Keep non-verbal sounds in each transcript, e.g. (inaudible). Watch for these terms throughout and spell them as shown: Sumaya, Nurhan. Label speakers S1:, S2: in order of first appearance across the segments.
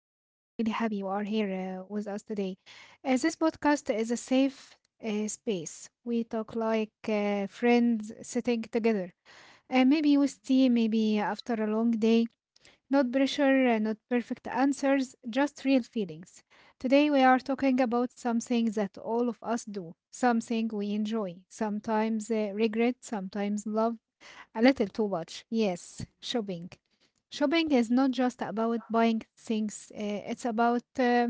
S1: really happy you are here with us today. This podcast is a safe space. We talk like friends sitting together. Maybe with tea, maybe after a long day, not pressure, not perfect answers, just real feelings. Today we are talking about something that all of us do, something we enjoy, sometimes regret, sometimes love, a little too much. Yes, shopping. Shopping is not just about buying things, it's about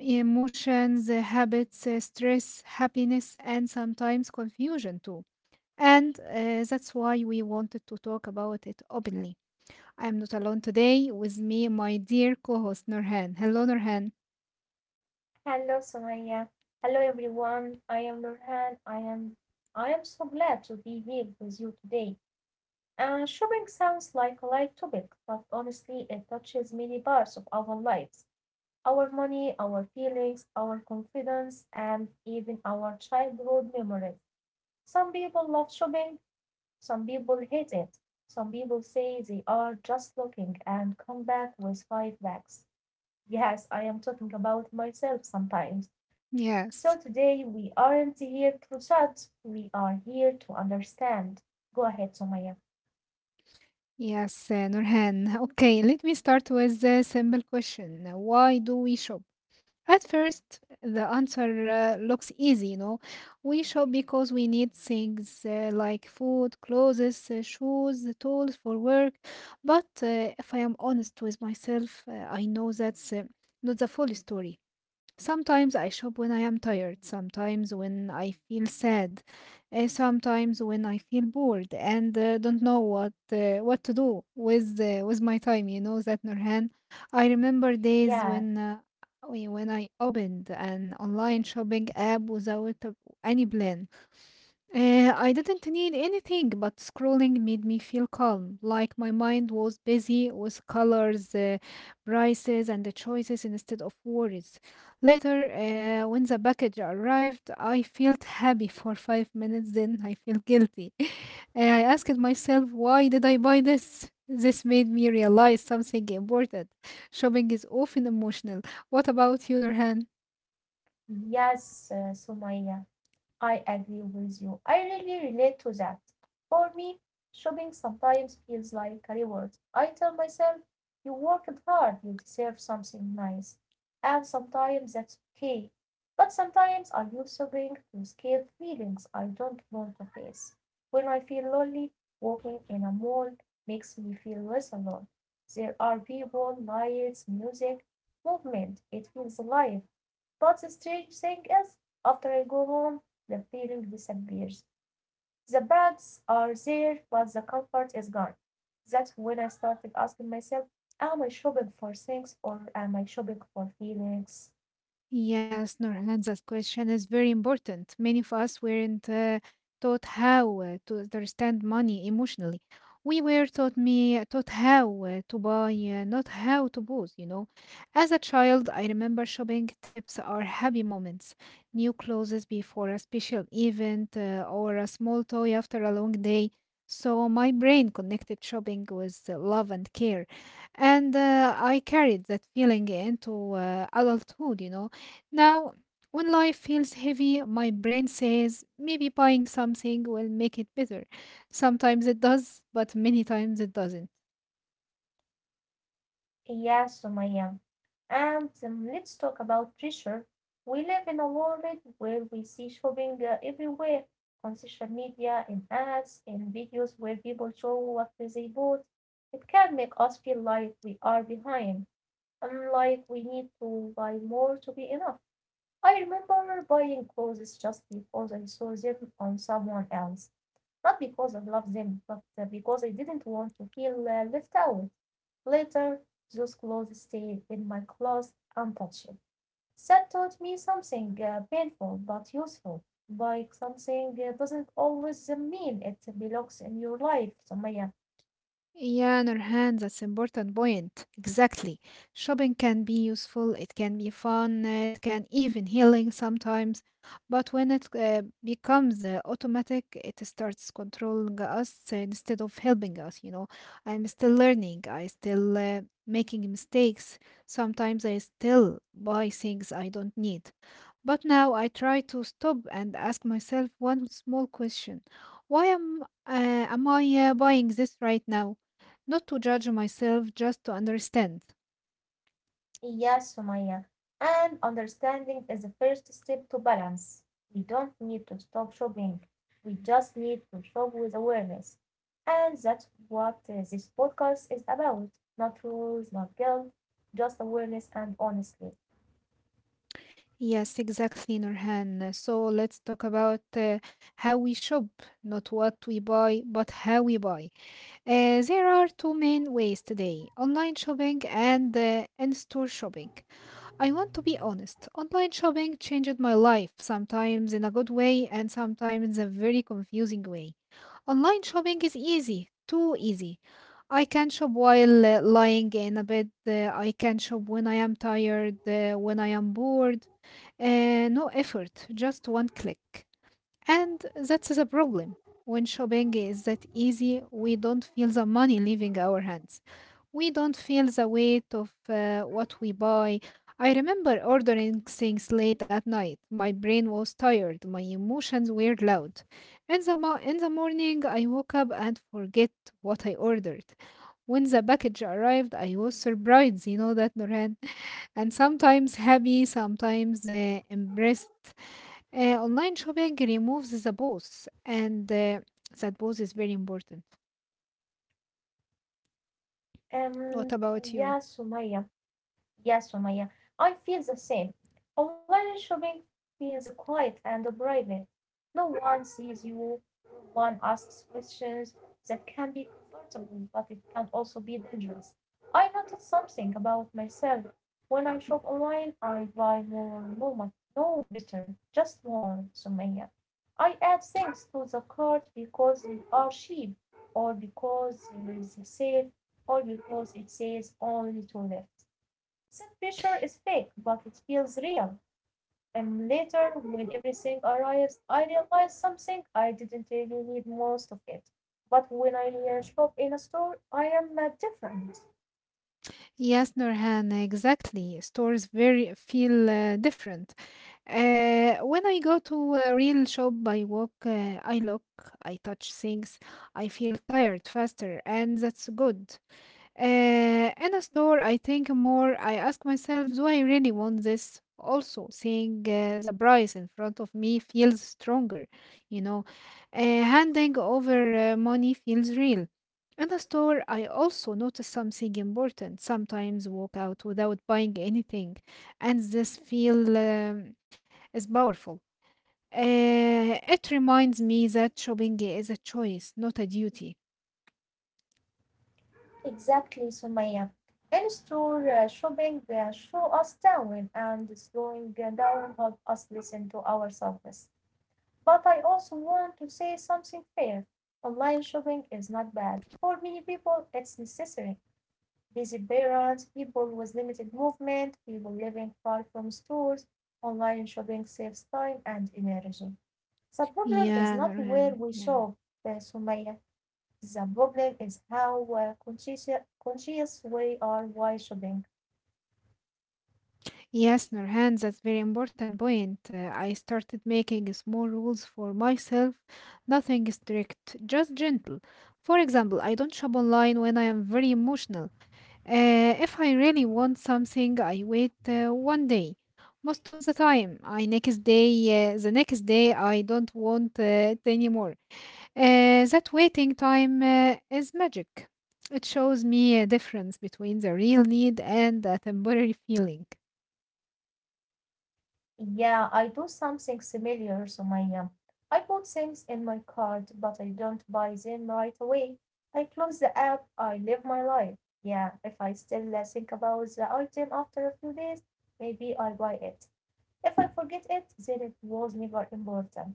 S1: emotions, habits, stress, happiness, and sometimes confusion too. And that's why we wanted to talk about it openly. I am not alone today. With me, my dear co-host Nurhan. Hello, Nurhan.
S2: Hello, Sumaya. Hello, everyone. I am Nurhan. I am so glad to be here with you today. Shopping sounds like a light topic, but honestly, it touches many parts of our lives: our money, our feelings, our confidence, and even our childhood memories. Some people love shopping, some people hate it. Some people say they are just looking and come back with five bags. Yes, I am talking about myself sometimes. So
S1: Yes,
S2: today we aren't here to judge, we are here to understand. Go ahead, Sumaya.
S1: yes, Nurhan. Okay, let me start with a simple question. Why do we shop? At first, the answer looks easy, you know. We shop because we need things like food, clothes, shoes, tools for work. But if I am honest with myself, I know that's not the full story. Sometimes I shop when I am tired, sometimes when I feel sad, sometimes when I feel bored and don't know what to do with my time. You know that, Nurhan. I remember days
S2: Yeah.
S1: when I opened an online shopping app without any plan. I didn't need anything, but scrolling made me feel calm, like my mind was busy with colors, prices, and the choices instead of worries. Later, when the package arrived, I felt happy for 5 minutes, then I felt guilty. (laughs) I asked myself, why did I buy this? This made me realize something important. Shopping is often emotional. What about you, Nurhan?
S2: Yes, Sumaya, I agree with you. I really relate to that. For me, shopping sometimes feels like a reward. I tell myself, you worked hard, you deserve something nice. And sometimes that's okay. But sometimes I use shopping to escape feelings I don't want to face. When I feel lonely, walking in a mall makes me feel less alone. There are people, lights, music, movement. It feels alive, but the strange thing is, after I go home, the feeling disappears. The bags are there, but the comfort is gone. That's when I started asking myself, am I shopping for things, or am I shopping for feelings?
S1: Yes, Nurhan, that question is very important. Many of us weren't taught how to understand money emotionally. We were taught how to buy, not how to pose, you know. As a child, I remember shopping tips are happy moments, new clothes before a special event or a small toy after a long day. So my brain connected shopping with love and care. And I carried that feeling into adulthood, you know. Now, when life feels heavy, my brain says maybe buying something will make it better. Sometimes it does, but many times it doesn't.
S2: Yes, Sumaya. And let's talk about pressure. We live in a world where we see shopping everywhere, on social media, in ads, in videos where people show what they bought. It can make us feel like we are behind. Unlike we need to buy more to be enough. I remember buying clothes just because I saw them on someone else, not because I loved them, but because I didn't want to feel left out. Later, those clothes stayed in my closet untouched. That taught me something painful but useful. Buying something doesn't always mean it belongs in your life, Sumaya.
S1: Yeah, Nurhan, that's important point. Exactly. Shopping can be useful, it can be fun, it can even healing sometimes. But when it becomes automatic, it starts controlling us instead of helping us, you know. I'm still learning, I still making mistakes. Sometimes I still buy things I don't need. But now I try to stop and ask myself one small question. Why am I buying this right now, not to judge myself, just to understand?
S2: Yes, Sumaya. And understanding is the first step to balance. We don't need to stop shopping. We just need to shop with awareness. And that's what this podcast is about. Not rules, not guilt, just awareness and honestly.
S1: Yes, exactly, Nurhan. So let's talk about how we shop, not what we buy, but how we buy. There are two main ways today, online shopping and in store shopping. I want to be honest, online shopping changed my life, sometimes in a good way and sometimes in a very confusing way. Online shopping is easy, too easy. I can shop while lying in a bed, I can shop when I am tired, when I am bored. No effort, just one click. And that is a problem. When shopping is that easy, we don't feel the money leaving our hands. We don't feel the weight of what we buy. I remember ordering things late at night. My brain was tired. My emotions were loud. In the morning, I woke up and forget what I ordered. When the package arrived, I was surprised, you know that, Noran. (laughs) And sometimes happy, sometimes embarrassed. Online shopping removes the boss, and that boss is very important. What
S2: Um,
S1: about you?
S2: yeah, Sumaya. Yes, Sumaya, I feel the same. Online shopping feels quiet and private. No one sees you, no one asks questions. That can be comfortable, but it can also be dangerous. I noticed something about myself. When I shop online, I buy more, more, no better, just more, Sumaya. I add things to the cart because they are cheap, or because there is a sale, or because it says only two left. Some pressure is fake, but it feels real. And later, when everything arrives, I realize something: I didn't really need most of it. But when I shop in a store, I am different.
S1: Yes, Nurhan, exactly. Stores very feel different. When I go to a real shop, I walk, I look, I touch things. I feel tired faster, and that's good. In a store, I think more. I ask myself, do I really want this? Also, seeing the price in front of me feels stronger, you know. Handing over money feels real. In a store, I also notice something important. Sometimes walk out without buying anything, and this feel is powerful. It reminds me that shopping is a choice, not a duty.
S2: Exactly, Sumaya. In store shopping show us down, and slowing down help us listen to ourselves. But I also want to say something fair. Online shopping is not bad. For many people, it's necessary: busy parents, people with limited movement, people living far from stores. Online shopping saves time and energy. The problem is
S1: Yeah,
S2: not where
S1: Nurhan.
S2: we shop,
S1: Yeah.
S2: Sumaya. The problem is how conscious we are while shopping.
S1: Yes, Nurhan, that's very important point. I started making small rules for myself, nothing strict, just gentle. For example, I don't shop online when I am very emotional. If I really want something, I wait one day. Most of the time, the next day, I don't want it anymore. That waiting time is magic. It shows me a difference between the real need and a temporary feeling.
S2: Yeah, I do something similar, Sumaya. I put things in my cart, but I don't buy them right away. I close the app, I live my life. Yeah, if I still think about the item after a few days, maybe I buy it. If I forget it, then it was never important.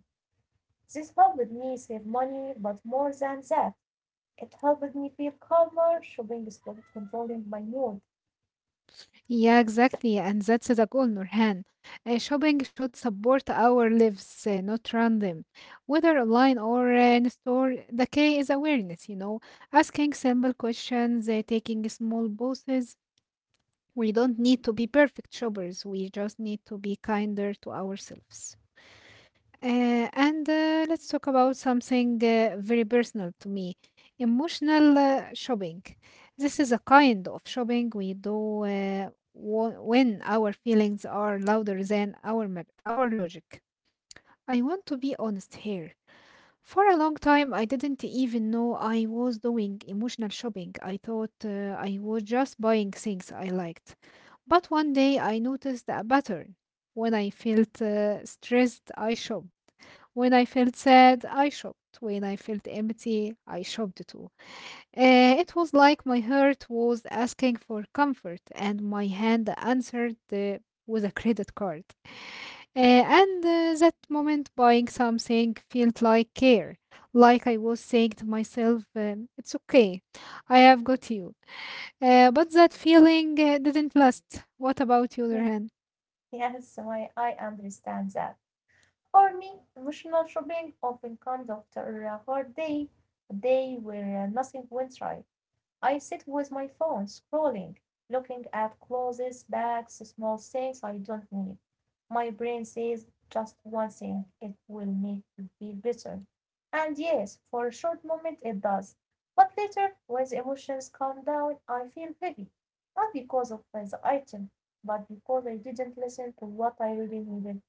S2: This helped me save money, but more than that, it helped me feel calmer. Shopping stopped controlling my mood.
S1: Yeah, exactly, and that's the goal, Nurhan. Shopping should support our lives, not run them. Whether online or in store, the key is awareness, you know, asking simple questions, taking small pauses. We don't need to be perfect shoppers, we just need to be kinder to ourselves. And Let's talk about something very personal to me, emotional shopping. This is a kind of shopping we do when our feelings are louder than our logic. I want to be honest here. For a long time, I didn't even know I was doing emotional shopping. I thought I was just buying things I liked. But one day I noticed a pattern. When I felt stressed, I shop. When I felt sad, I shopped. When I felt empty, I shopped too. It was like my heart was asking for comfort, and my hand answered with a credit card. And That moment, buying something felt like care. Like I was saying to myself, it's okay, I have got you. But that feeling didn't last. What about you,
S2: (laughs)
S1: hand?
S2: Yes, Sumaya, I understand that. For me, emotional shopping often comes after a hard day, a day where nothing went right. I sit with my phone, scrolling, looking at clothes, bags, small things I don't need. My brain says just one thing: it will make you feel better. And yes, for a short moment it does. But later, when the emotions calm down, I feel heavy. Not because of the item, but because I didn't listen to what I really needed.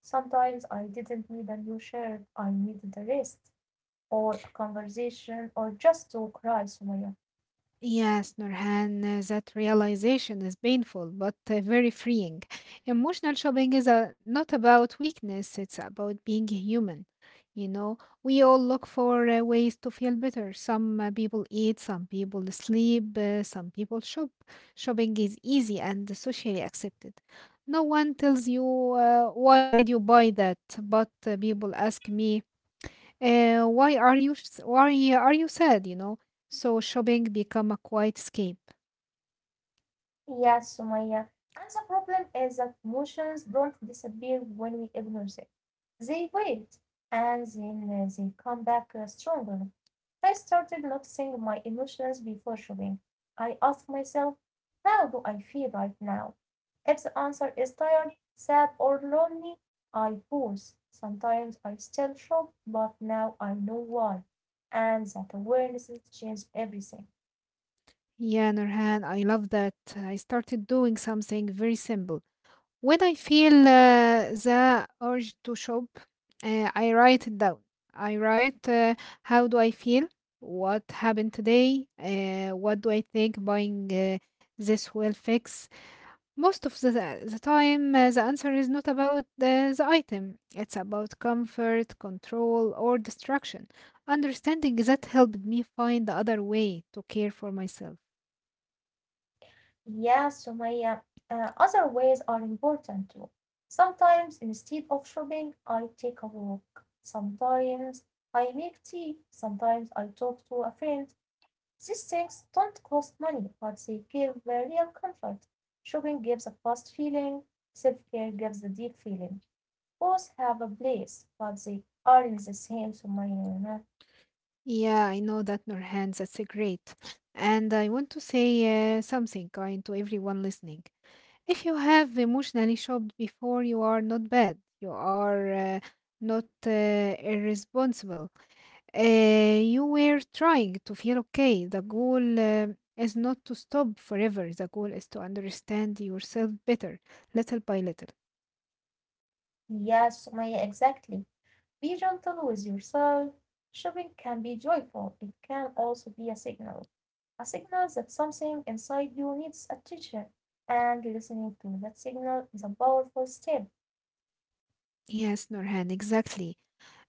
S2: Sometimes I didn't need a new shirt, I needed a rest, or a conversation, or just to cry, Sumaya.
S1: Yes, Nurhan, that realization is painful but very freeing. Emotional shopping is not about weakness, it's about being human. You know, we all look for ways to feel better. Some people eat, some people sleep, some people shop. Shopping is easy and socially accepted. No one tells you why did you buy that, but people ask me why are you sad, you know? So shopping become a quiet escape.
S2: Yes, Sumaya. And the problem is that emotions don't disappear when we ignore them. They wait, and then they come back stronger. I started noticing my emotions before shopping. I asked myself, how do I feel right now? If the answer is tired, sad, or lonely, I pause. Sometimes I still shop, but now I know why. And that awareness has changed everything.
S1: Yeah, Nurhan, I love that. I started doing something very simple. When I feel the urge to shop, I write it down. I write how do I feel, what happened today, what do I think buying this will fix? Most of the time, the answer is not about the item. It's about comfort, control, or distraction. Understanding that helped me find the other way to care for myself.
S2: Yeah, Sumaya, other ways are important too. Sometimes instead of shopping, I take a walk. Sometimes I make tea. Sometimes I talk to a friend. These things don't cost money, but they give me real comfort. Shopping gives a fast feeling, self care gives a deep feeling. Both have a place, but they aren't the same, Sumaya. You know?
S1: Yeah, I know that, Nurhan. That's a great. And I want to say something kind to everyone listening. If you have emotionally shopped before, you are not bad. You are not irresponsible. You were trying to feel okay. The goal is not to stop forever. The goal is to understand yourself better, little by little.
S2: Yeah, Sumaya, exactly. Be gentle with yourself. Shopping can be joyful, it can also be a signal that something inside you needs attention, and listening to that signal is a powerful step.
S1: Yes, Norhan, exactly.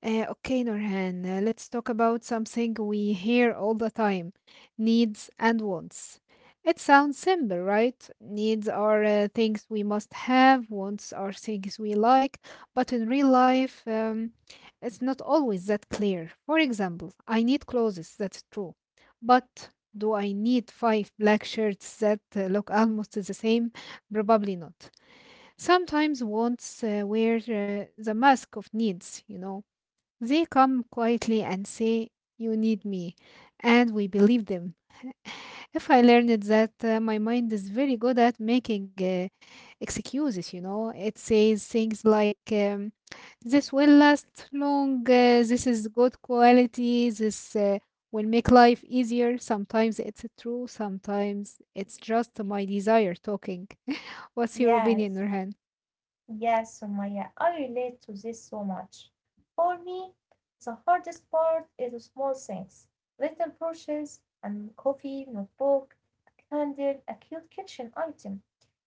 S1: Okay, Norhan, let's talk about something we hear all the time, needs and wants. It sounds simple, right? Needs are things we must have, wants are things we like, but in real life, it's not always that clear. For example, I need clothes, that's true, but do I need five black shirts that look almost the same? Probably not. Sometimes wants wear the mask of needs, you know. They come quietly and say, you need me. And we believe them. If I learned that my mind is very good at making excuses, you know, it says things like, this will last long, this is good quality, this will make life easier. Sometimes it's true, sometimes it's just my desire talking. (laughs) What's your opinion,
S2: Yes,
S1: Nurhan?
S2: yes, Sumaya, I relate to this so much. For me, the hardest part is small things, little brushes, and coffee, notebook, a candle, a cute kitchen item.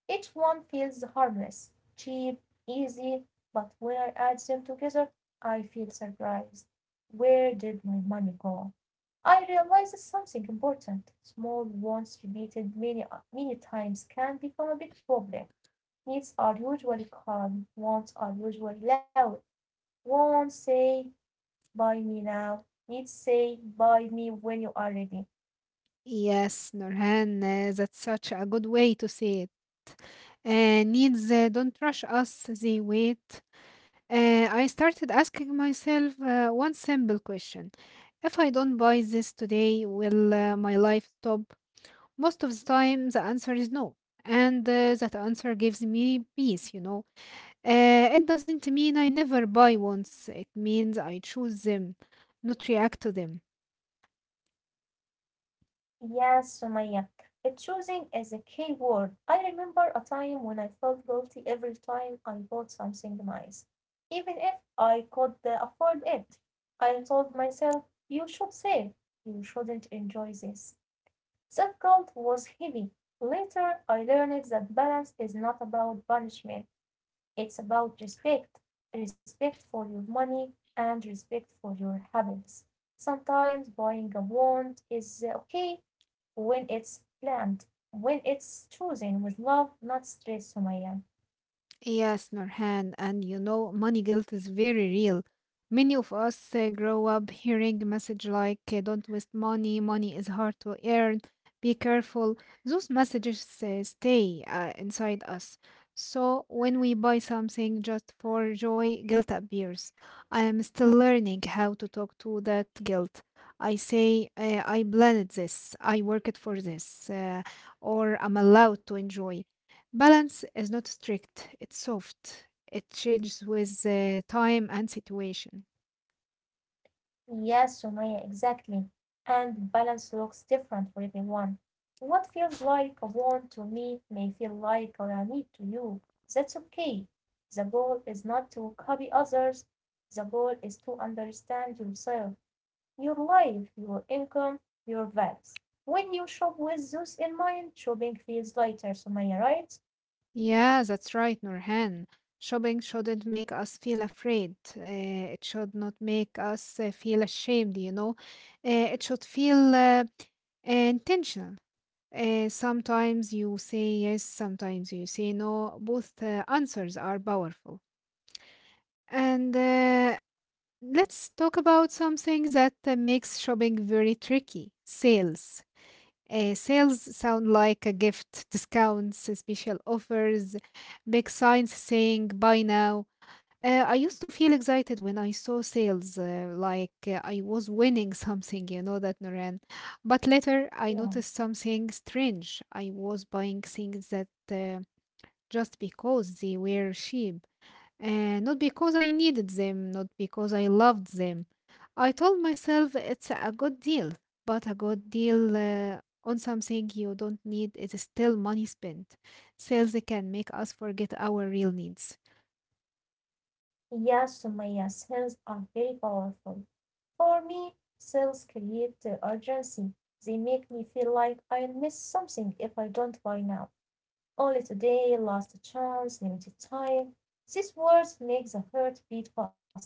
S2: Each one feels harmless, cheap, easy, but when I add them together I feel surprised. Where did my money go? I realized something important. Small wants repeated many times can become a big problem. Needs are usually calm, wants are usually loud. Wants say, buy me now. Needs say, buy me when you are ready.
S1: Yes, Nurhan, that's such a good way to say it. Needs don't rush us, they wait. I started asking myself one simple question. If I don't buy this today, will my life stop? Most of the time, the answer is no. And that answer gives me peace, you know. It doesn't mean I never buy once. It means I choose them, not react to them.
S2: Yes, Sumaya. Choosing is a key word. I remember a time when I felt guilty every time I bought something nice, even if I could afford it. I told myself, you should save, you shouldn't enjoy this. That guilt was heavy. Later, I learned that balance is not about punishment, it's about respect. Respect for your money and respect for your happiness. Sometimes buying a want is okay when it's planned, when it's chosen with love, not stress, Sumaya.
S1: Yes, Nurhan, and you know, money guilt is very real. Many of us grow up hearing a message like, don't waste money, money is hard to earn, be careful. Those messages stay inside us. So when we buy something just for joy, guilt appears. I am still learning how to talk to that guilt. I say, I planned this, I worked for this, or I'm allowed to enjoy. Balance is not strict, it's soft. It changes with time and situation.
S2: Yes, Sumaya, exactly. And balance looks different for everyone. What feels like a want to me may feel like a need to you. That's okay. The goal is not to copy others, the goal is to understand yourself, your life, your income, your values. When you shop with those in mind, shopping feels lighter, Sumaya, right?
S1: Yeah, that's right, Nurhan. Shopping shouldn't make us feel afraid. It should not make us feel ashamed, you know. It should feel intentional. Sometimes you say yes, sometimes you say no. Both answers are powerful. And let's talk about something that makes shopping very tricky sales. Sales sound like a gift, discounts, special offers, big signs saying buy now. I used to feel excited when I saw sales, like I was winning something, you know that, Noran. But later I
S2: Yeah.
S1: noticed something strange. I was buying things that just because they were cheap. Not because I needed them, not because I loved them. I told myself it's a good deal, but a good deal on something you don't need is still money spent. Sales can make us forget our real needs.
S2: Yes, Sumaya, sales are very powerful. For me, sales create the urgency. They make me feel like I'll miss something if I don't buy now. Only today, last chance, limited time. These words make the heart beat faster.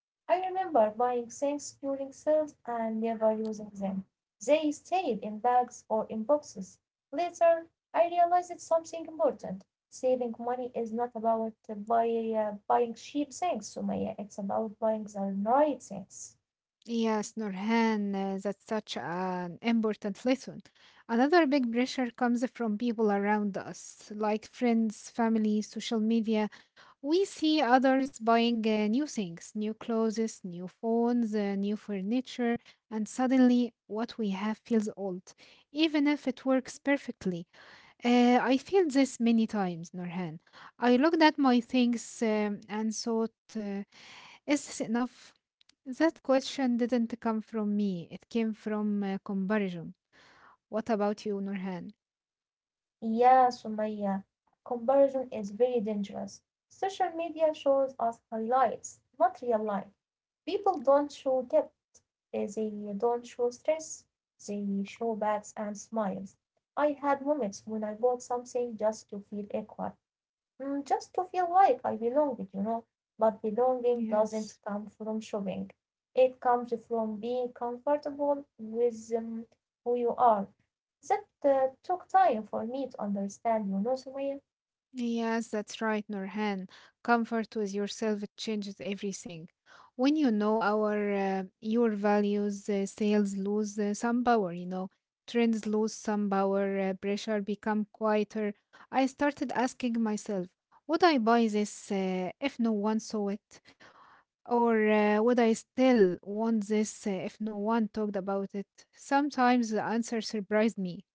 S2: I remember buying things during sales and never using them. They stayed in bags or in boxes. Later I realized something important. Saving money is not about buying cheap things, Sumaya. It's about buying the right things.
S1: Yes, Nurhan, that's such an important lesson. Another big pressure comes from people around us, like friends, family, social media. We see others buying new things, new clothes, new phones, new furniture, and suddenly what we have feels old, even if it works perfectly. I feel this many times, Norhan. I looked at my things and thought, is this enough? That question didn't come from me, it came from comparison. What about you, Norhan?
S2: Yeah, Sumaya, comparison is very dangerous. Social media shows us highlights, not real life. People don't show depth, they don't show stress, they show bags and smiles. I had moments when I bought something just to feel equal, just to feel like I belonged, you know. But belonging doesn't
S1: Yes.
S2: come from shopping, it comes from being comfortable with who you are. That took time for me to understand, you know, Sumaya.
S1: Yes, that's right, Nurhan. Comfort with yourself changes everything. When you know our your values, sales lose some power, you know. Trends lose some power, pressure become quieter. I started asking myself, would I buy this if no one saw it? Or would I still want this if no one talked about it? Sometimes the answer surprised me.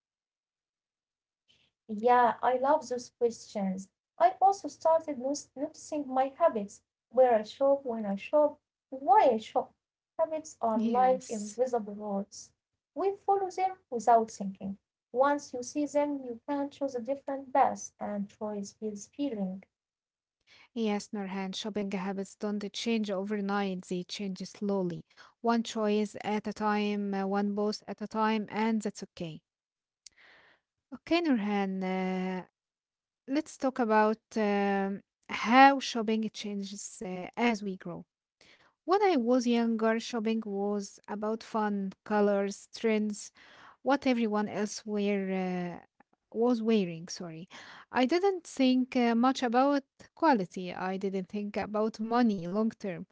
S2: Yeah, I love those questions. I also started noticing my habits, where I shop, when I shop, why I shop. Habits are like
S1: Yes.
S2: invisible roads. We follow them without thinking. Once you see them, you can choose a different path, and choice builds feeling.
S1: Yes, Nurhan, shopping habits don't change overnight, they change slowly. One choice at a time, one boss at a time, and that's okay. Okay, Nurhan, let's talk about how shopping changes as we grow. When I was younger, shopping was about fun, colors, trends, what everyone else was wearing, sorry. I didn't think much about quality. I didn't think about money long term.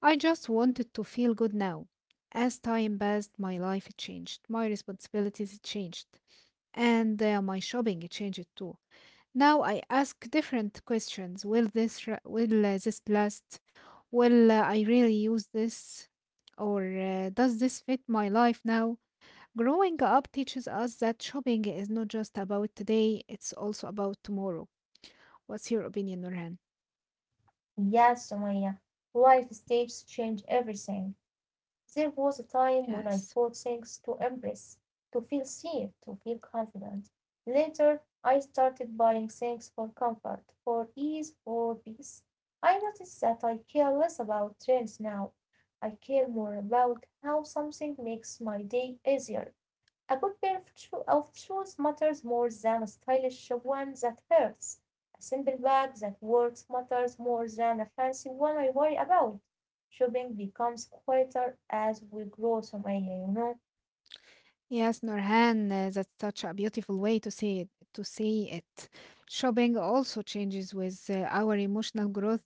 S1: I just wanted to feel good now. As time passed, my life changed, my responsibilities changed, and my shopping changed too. Now I ask different questions. Will this last? Will I really use this? Or does this fit my life now? Growing up teaches us that shopping is not just about today, it's also about tomorrow. What's your opinion, Nurhan?
S2: Yes, Sumaya, life stages change everything. There was a time when I bought
S1: Yes.
S2: things to embrace, to feel seen, to feel confident. Later, I started buying things for comfort, for ease, for peace. I noticed that I care less about trends now. I care more about how something makes my day easier. A good pair of shoes matters more than a stylish one that hurts. A simple bag that works matters more than a fancy one I worry about. Shopping becomes quieter as we grow, Sumaya, you know.
S1: Yes, Nurhan, that's such a beautiful way to say it. Shopping also changes with our emotional growth.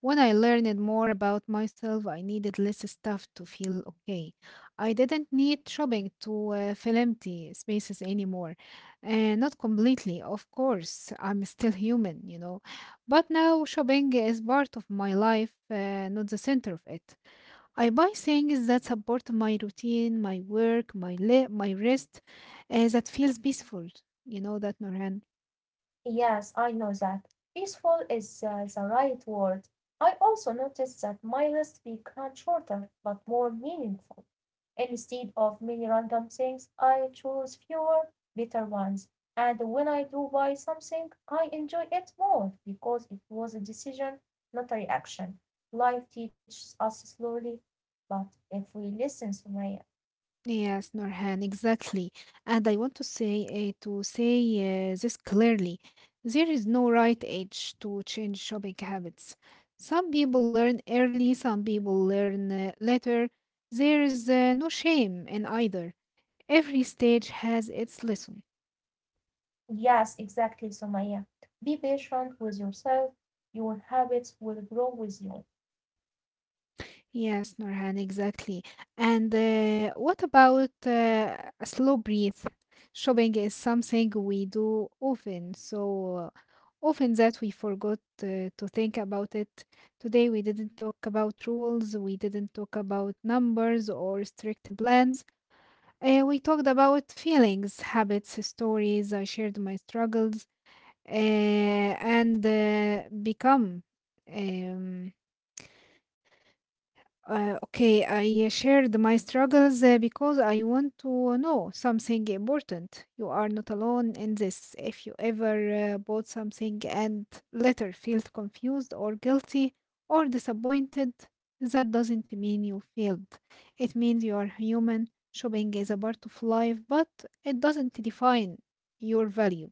S1: When I learned more about myself, I needed less stuff to feel okay. I didn't need shopping to fill empty spaces anymore. Not completely, of course. I'm still human, you know. But now shopping is part of my life, not the center of it. I buy things that support my routine, my work, my rest, that feels peaceful. You know that, Norhan?
S2: Yes, I know that. Peaceful is the right word. I also noticed that my list became shorter but more meaningful. Instead of many random things, I choose fewer, better ones. And when I do buy something, I enjoy it more because it was a decision, not a reaction. Life teaches us slowly, but if we listen, Sumaya.
S1: Yes, Norhan, exactly. And I want to say this clearly. There is no right age to change shopping habits. Some people learn early, some people learn later. There is no shame in either. Every stage has its lesson.
S2: Yes, exactly, Sumaya. Be patient with yourself. Your habits will grow with you.
S1: Yes, Norhan, exactly. And what about a slow breathe? Shopping is something we do often, so often that we forgot to think about it. Today we didn't talk about rules, we didn't talk about numbers or strict plans. We talked about feelings, habits, stories. I shared my struggles and become. Um, okay, I shared my struggles because I want to know something important. You are not alone in this. If you ever bought something and later felt confused or guilty or disappointed, that doesn't mean you failed. It means you are human. Shopping is a part of life, but it doesn't define your value.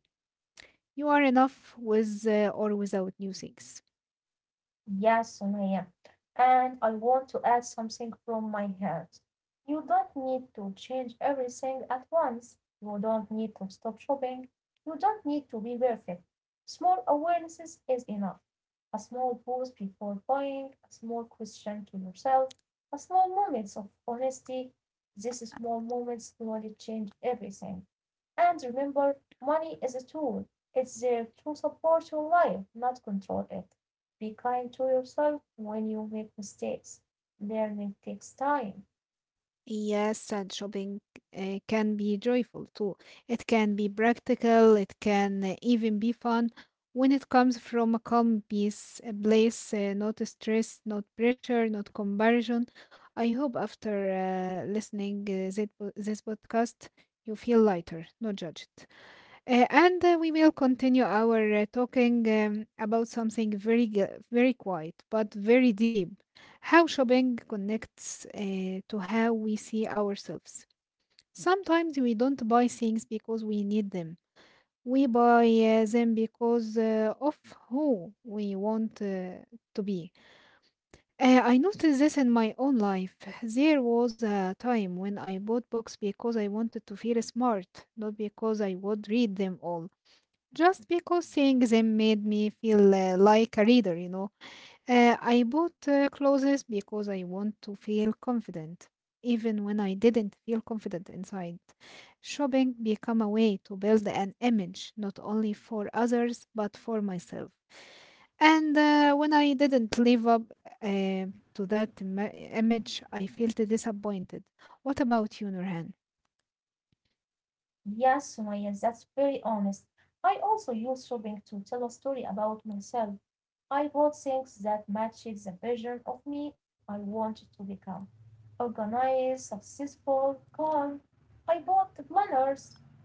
S1: You are enough with or without new things.
S2: Yeah, Sumaya. And I want to add something from my head. You don't need to change everything at once. You don't need to stop shopping. You don't need to be perfect. Small awarenesses is enough. A small pause before buying, a small question to yourself, a small moments of honesty. These small moments slowly change everything. And remember, money is a tool. It's there to support your life, not control it. Be kind to yourself when you make mistakes. Learning takes time.
S1: Yes, and shopping can be joyful too. It can be practical, it can even be fun when it comes from a calm peace, a place, not stress, not pressure, not comparison. I hope after listening this, this podcast, you feel lighter, not judged. And we will continue our talking about something very, very quiet but very deep how shopping connects to how we see ourselves. Sometimes we don't buy things because we need them, we buy them because of who we want to be. I noticed this in my own life. There was a time when I bought books because I wanted to feel smart, not because I would read them all, just because seeing them made me feel like a reader, you know. I bought clothes because I want to feel confident, even when I didn't feel confident inside. Shopping became a way to build an image, not only for others, but for myself. And when I didn't live up uh, to that image, I felt disappointed. What about you, Nurhan?
S2: Yes, Sumaya, that's very honest. I also use shopping to tell a story about myself. I bought things that matched the version of me I wanted to become. Organized, successful, calm. I bought the planners,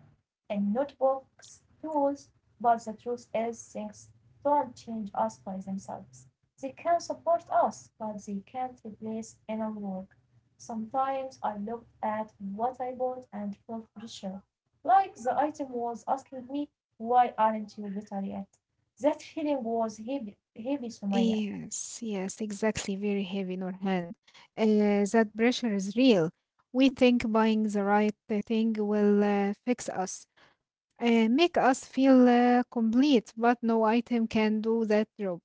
S2: and notebooks, tools, but the truth is things don't change us by themselves. They can support us, but they can't replace inner work. Sometimes I looked at what I bought and felt pressure, like the item was asking me, why aren't you better yet? That feeling was heavy, heavy, Sumaya.
S1: Yes, yes, exactly. Very heavy, Norhan. Uh, that pressure is real. We think buying the right thing will fix us, make us feel complete, but no item can do that job.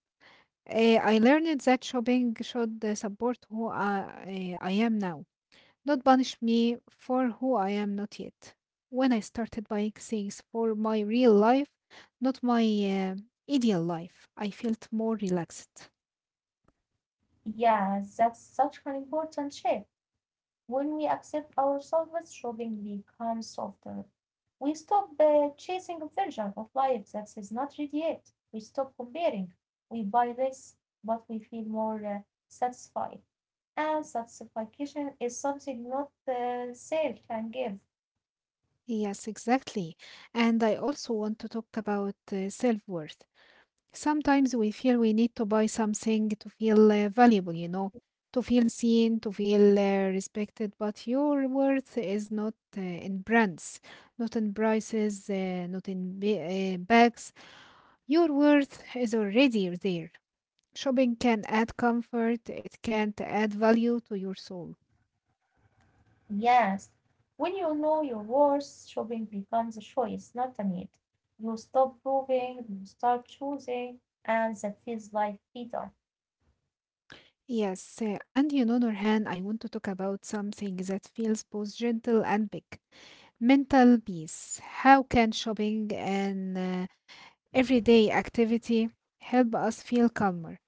S1: I learned that shopping should support who I am now, not punish me for who I am not yet. When I started buying things for my real life, not my ideal life, I felt more relaxed.
S2: Yeah, that's such an important shift. When we accept ourselves, shopping becomes softer. We stop chasing a version of life that is not ready yet. We stop comparing. We buy this, but we feel more satisfied. And satisfaction is something not the sale can give.
S1: Yes, exactly. And I also want to talk about self-worth. Sometimes we feel we need to buy something to feel valuable, you know, to feel seen, to feel respected, but your worth is not in brands, not in prices, not in bags. Your worth is already there. Shopping can add comfort, it can add value to your soul.
S2: Yes, when you know your worth, shopping becomes a choice, not a need. You stop proving, you start choosing, and that feels like freedom.
S1: Yes, and you know, Nurhan, I want to talk about something that feels both gentle and big mental peace. How can shopping, an everyday activity, help us feel calmer?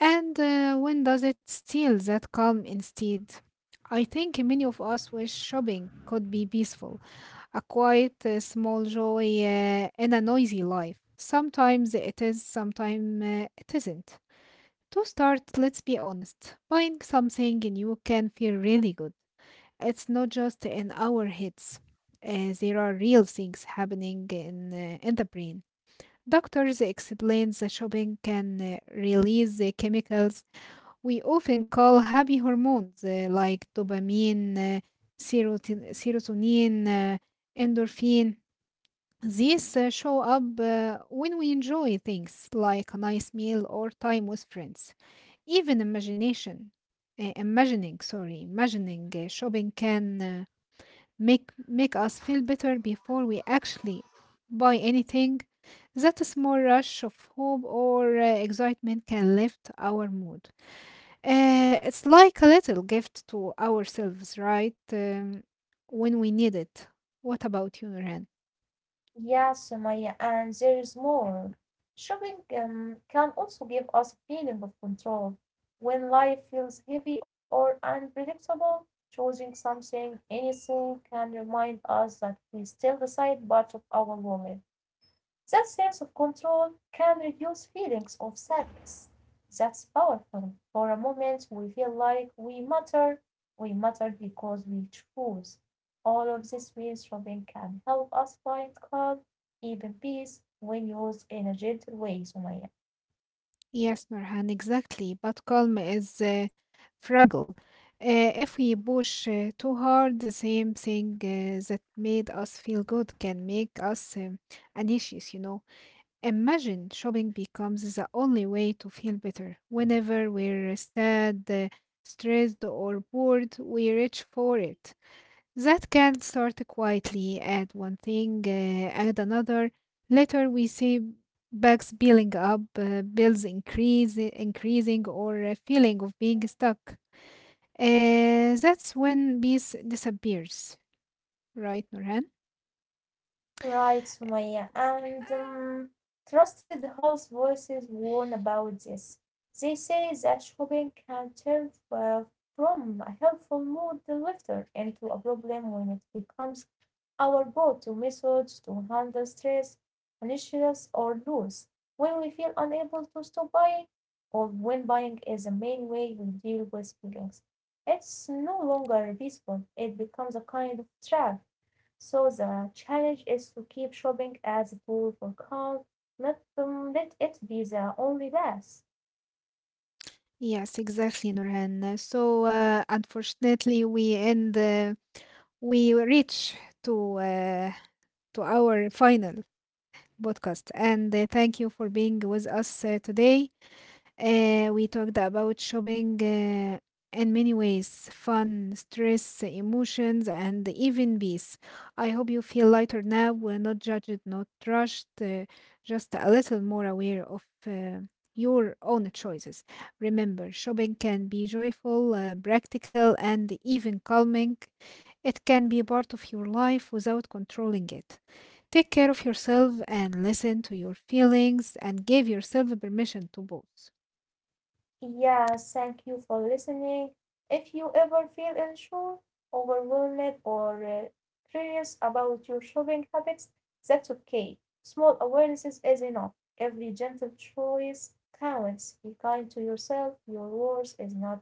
S1: And when does it steal that calm instead? I think many of us wish shopping could be peaceful, a quiet, small joy in a noisy life. Sometimes it is, sometimes it isn't. To start, let's be honest. Buying something new can feel really good. It's not just in our heads. There are real things happening in the brain. Doctors explain that shopping can release the chemicals we often call happy hormones, like dopamine, serotonin, endorphin. These show up when we enjoy things like a nice meal or time with friends. Even imagination imagining, sorry imagining shopping can make us feel better before we actually buy anything. That small rush of hope or excitement can lift our mood. It's like a little gift to ourselves, right, when we need it. What about you, Nuran?
S2: Yeah, Sumaya, and there is more. Shopping can also give us a feeling of control. When life feels heavy or unpredictable, choosing something, anything can remind us that we still decide part of our wallet. That sense of control can reduce feelings of sadness. That's powerful. For a moment we feel like we matter. We matter because we choose. All of this reinstrument can help us find calm, even peace, when used in a gentle way, Sumaya.
S1: Yes, Nurhan, exactly. But calm is fragile. If we push too hard, the same thing that made us feel good can make us anxious, you know. Imagine shopping becomes the only way to feel better. Whenever we're sad, stressed, or bored, we reach for it. That can start quietly, add one thing, add another. Later we see bags building up, increasing, or a feeling of being stuck. That's when peace disappears, right, Nurhan?
S2: Right, Sumaya. And trusted health voices warn about this. They say that shopping can turn from a helpful mood lifter into a problem when it becomes our go-to method to handle stress, anxieties, or loss. When we feel unable to stop buying, or when buying is the main way we deal with feelings, it's no longer peaceful. It becomes a kind of trap. So the challenge is to keep shopping as a tool for calm, not let it be the only path.
S1: Yes, exactly, Nurhan. Unfortunately, we reach to uh, to our final podcast, and thank you for being with us today. We talked about shopping in many ways, fun, stress, emotions, and even peace. I hope you feel lighter now, not judged, not rushed, just a little more aware of your own choices. Remember, shopping can be joyful, practical, and even calming. It can be part of your life without controlling it. Take care of yourself, and listen to your feelings, and give yourself permission to pause.
S2: Yeah, thank you for listening. If you ever feel unsure, overwhelmed, or curious about your shopping habits, that's okay. Small awarenesses is enough. Every gentle choice counts. Be kind to yourself. Your worth is not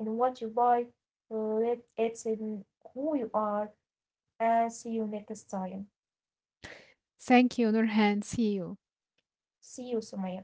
S2: in what you buy. Let it's in who you are. And see you next time.
S1: Thank you, Nurhan. See you.
S2: See you somewhere.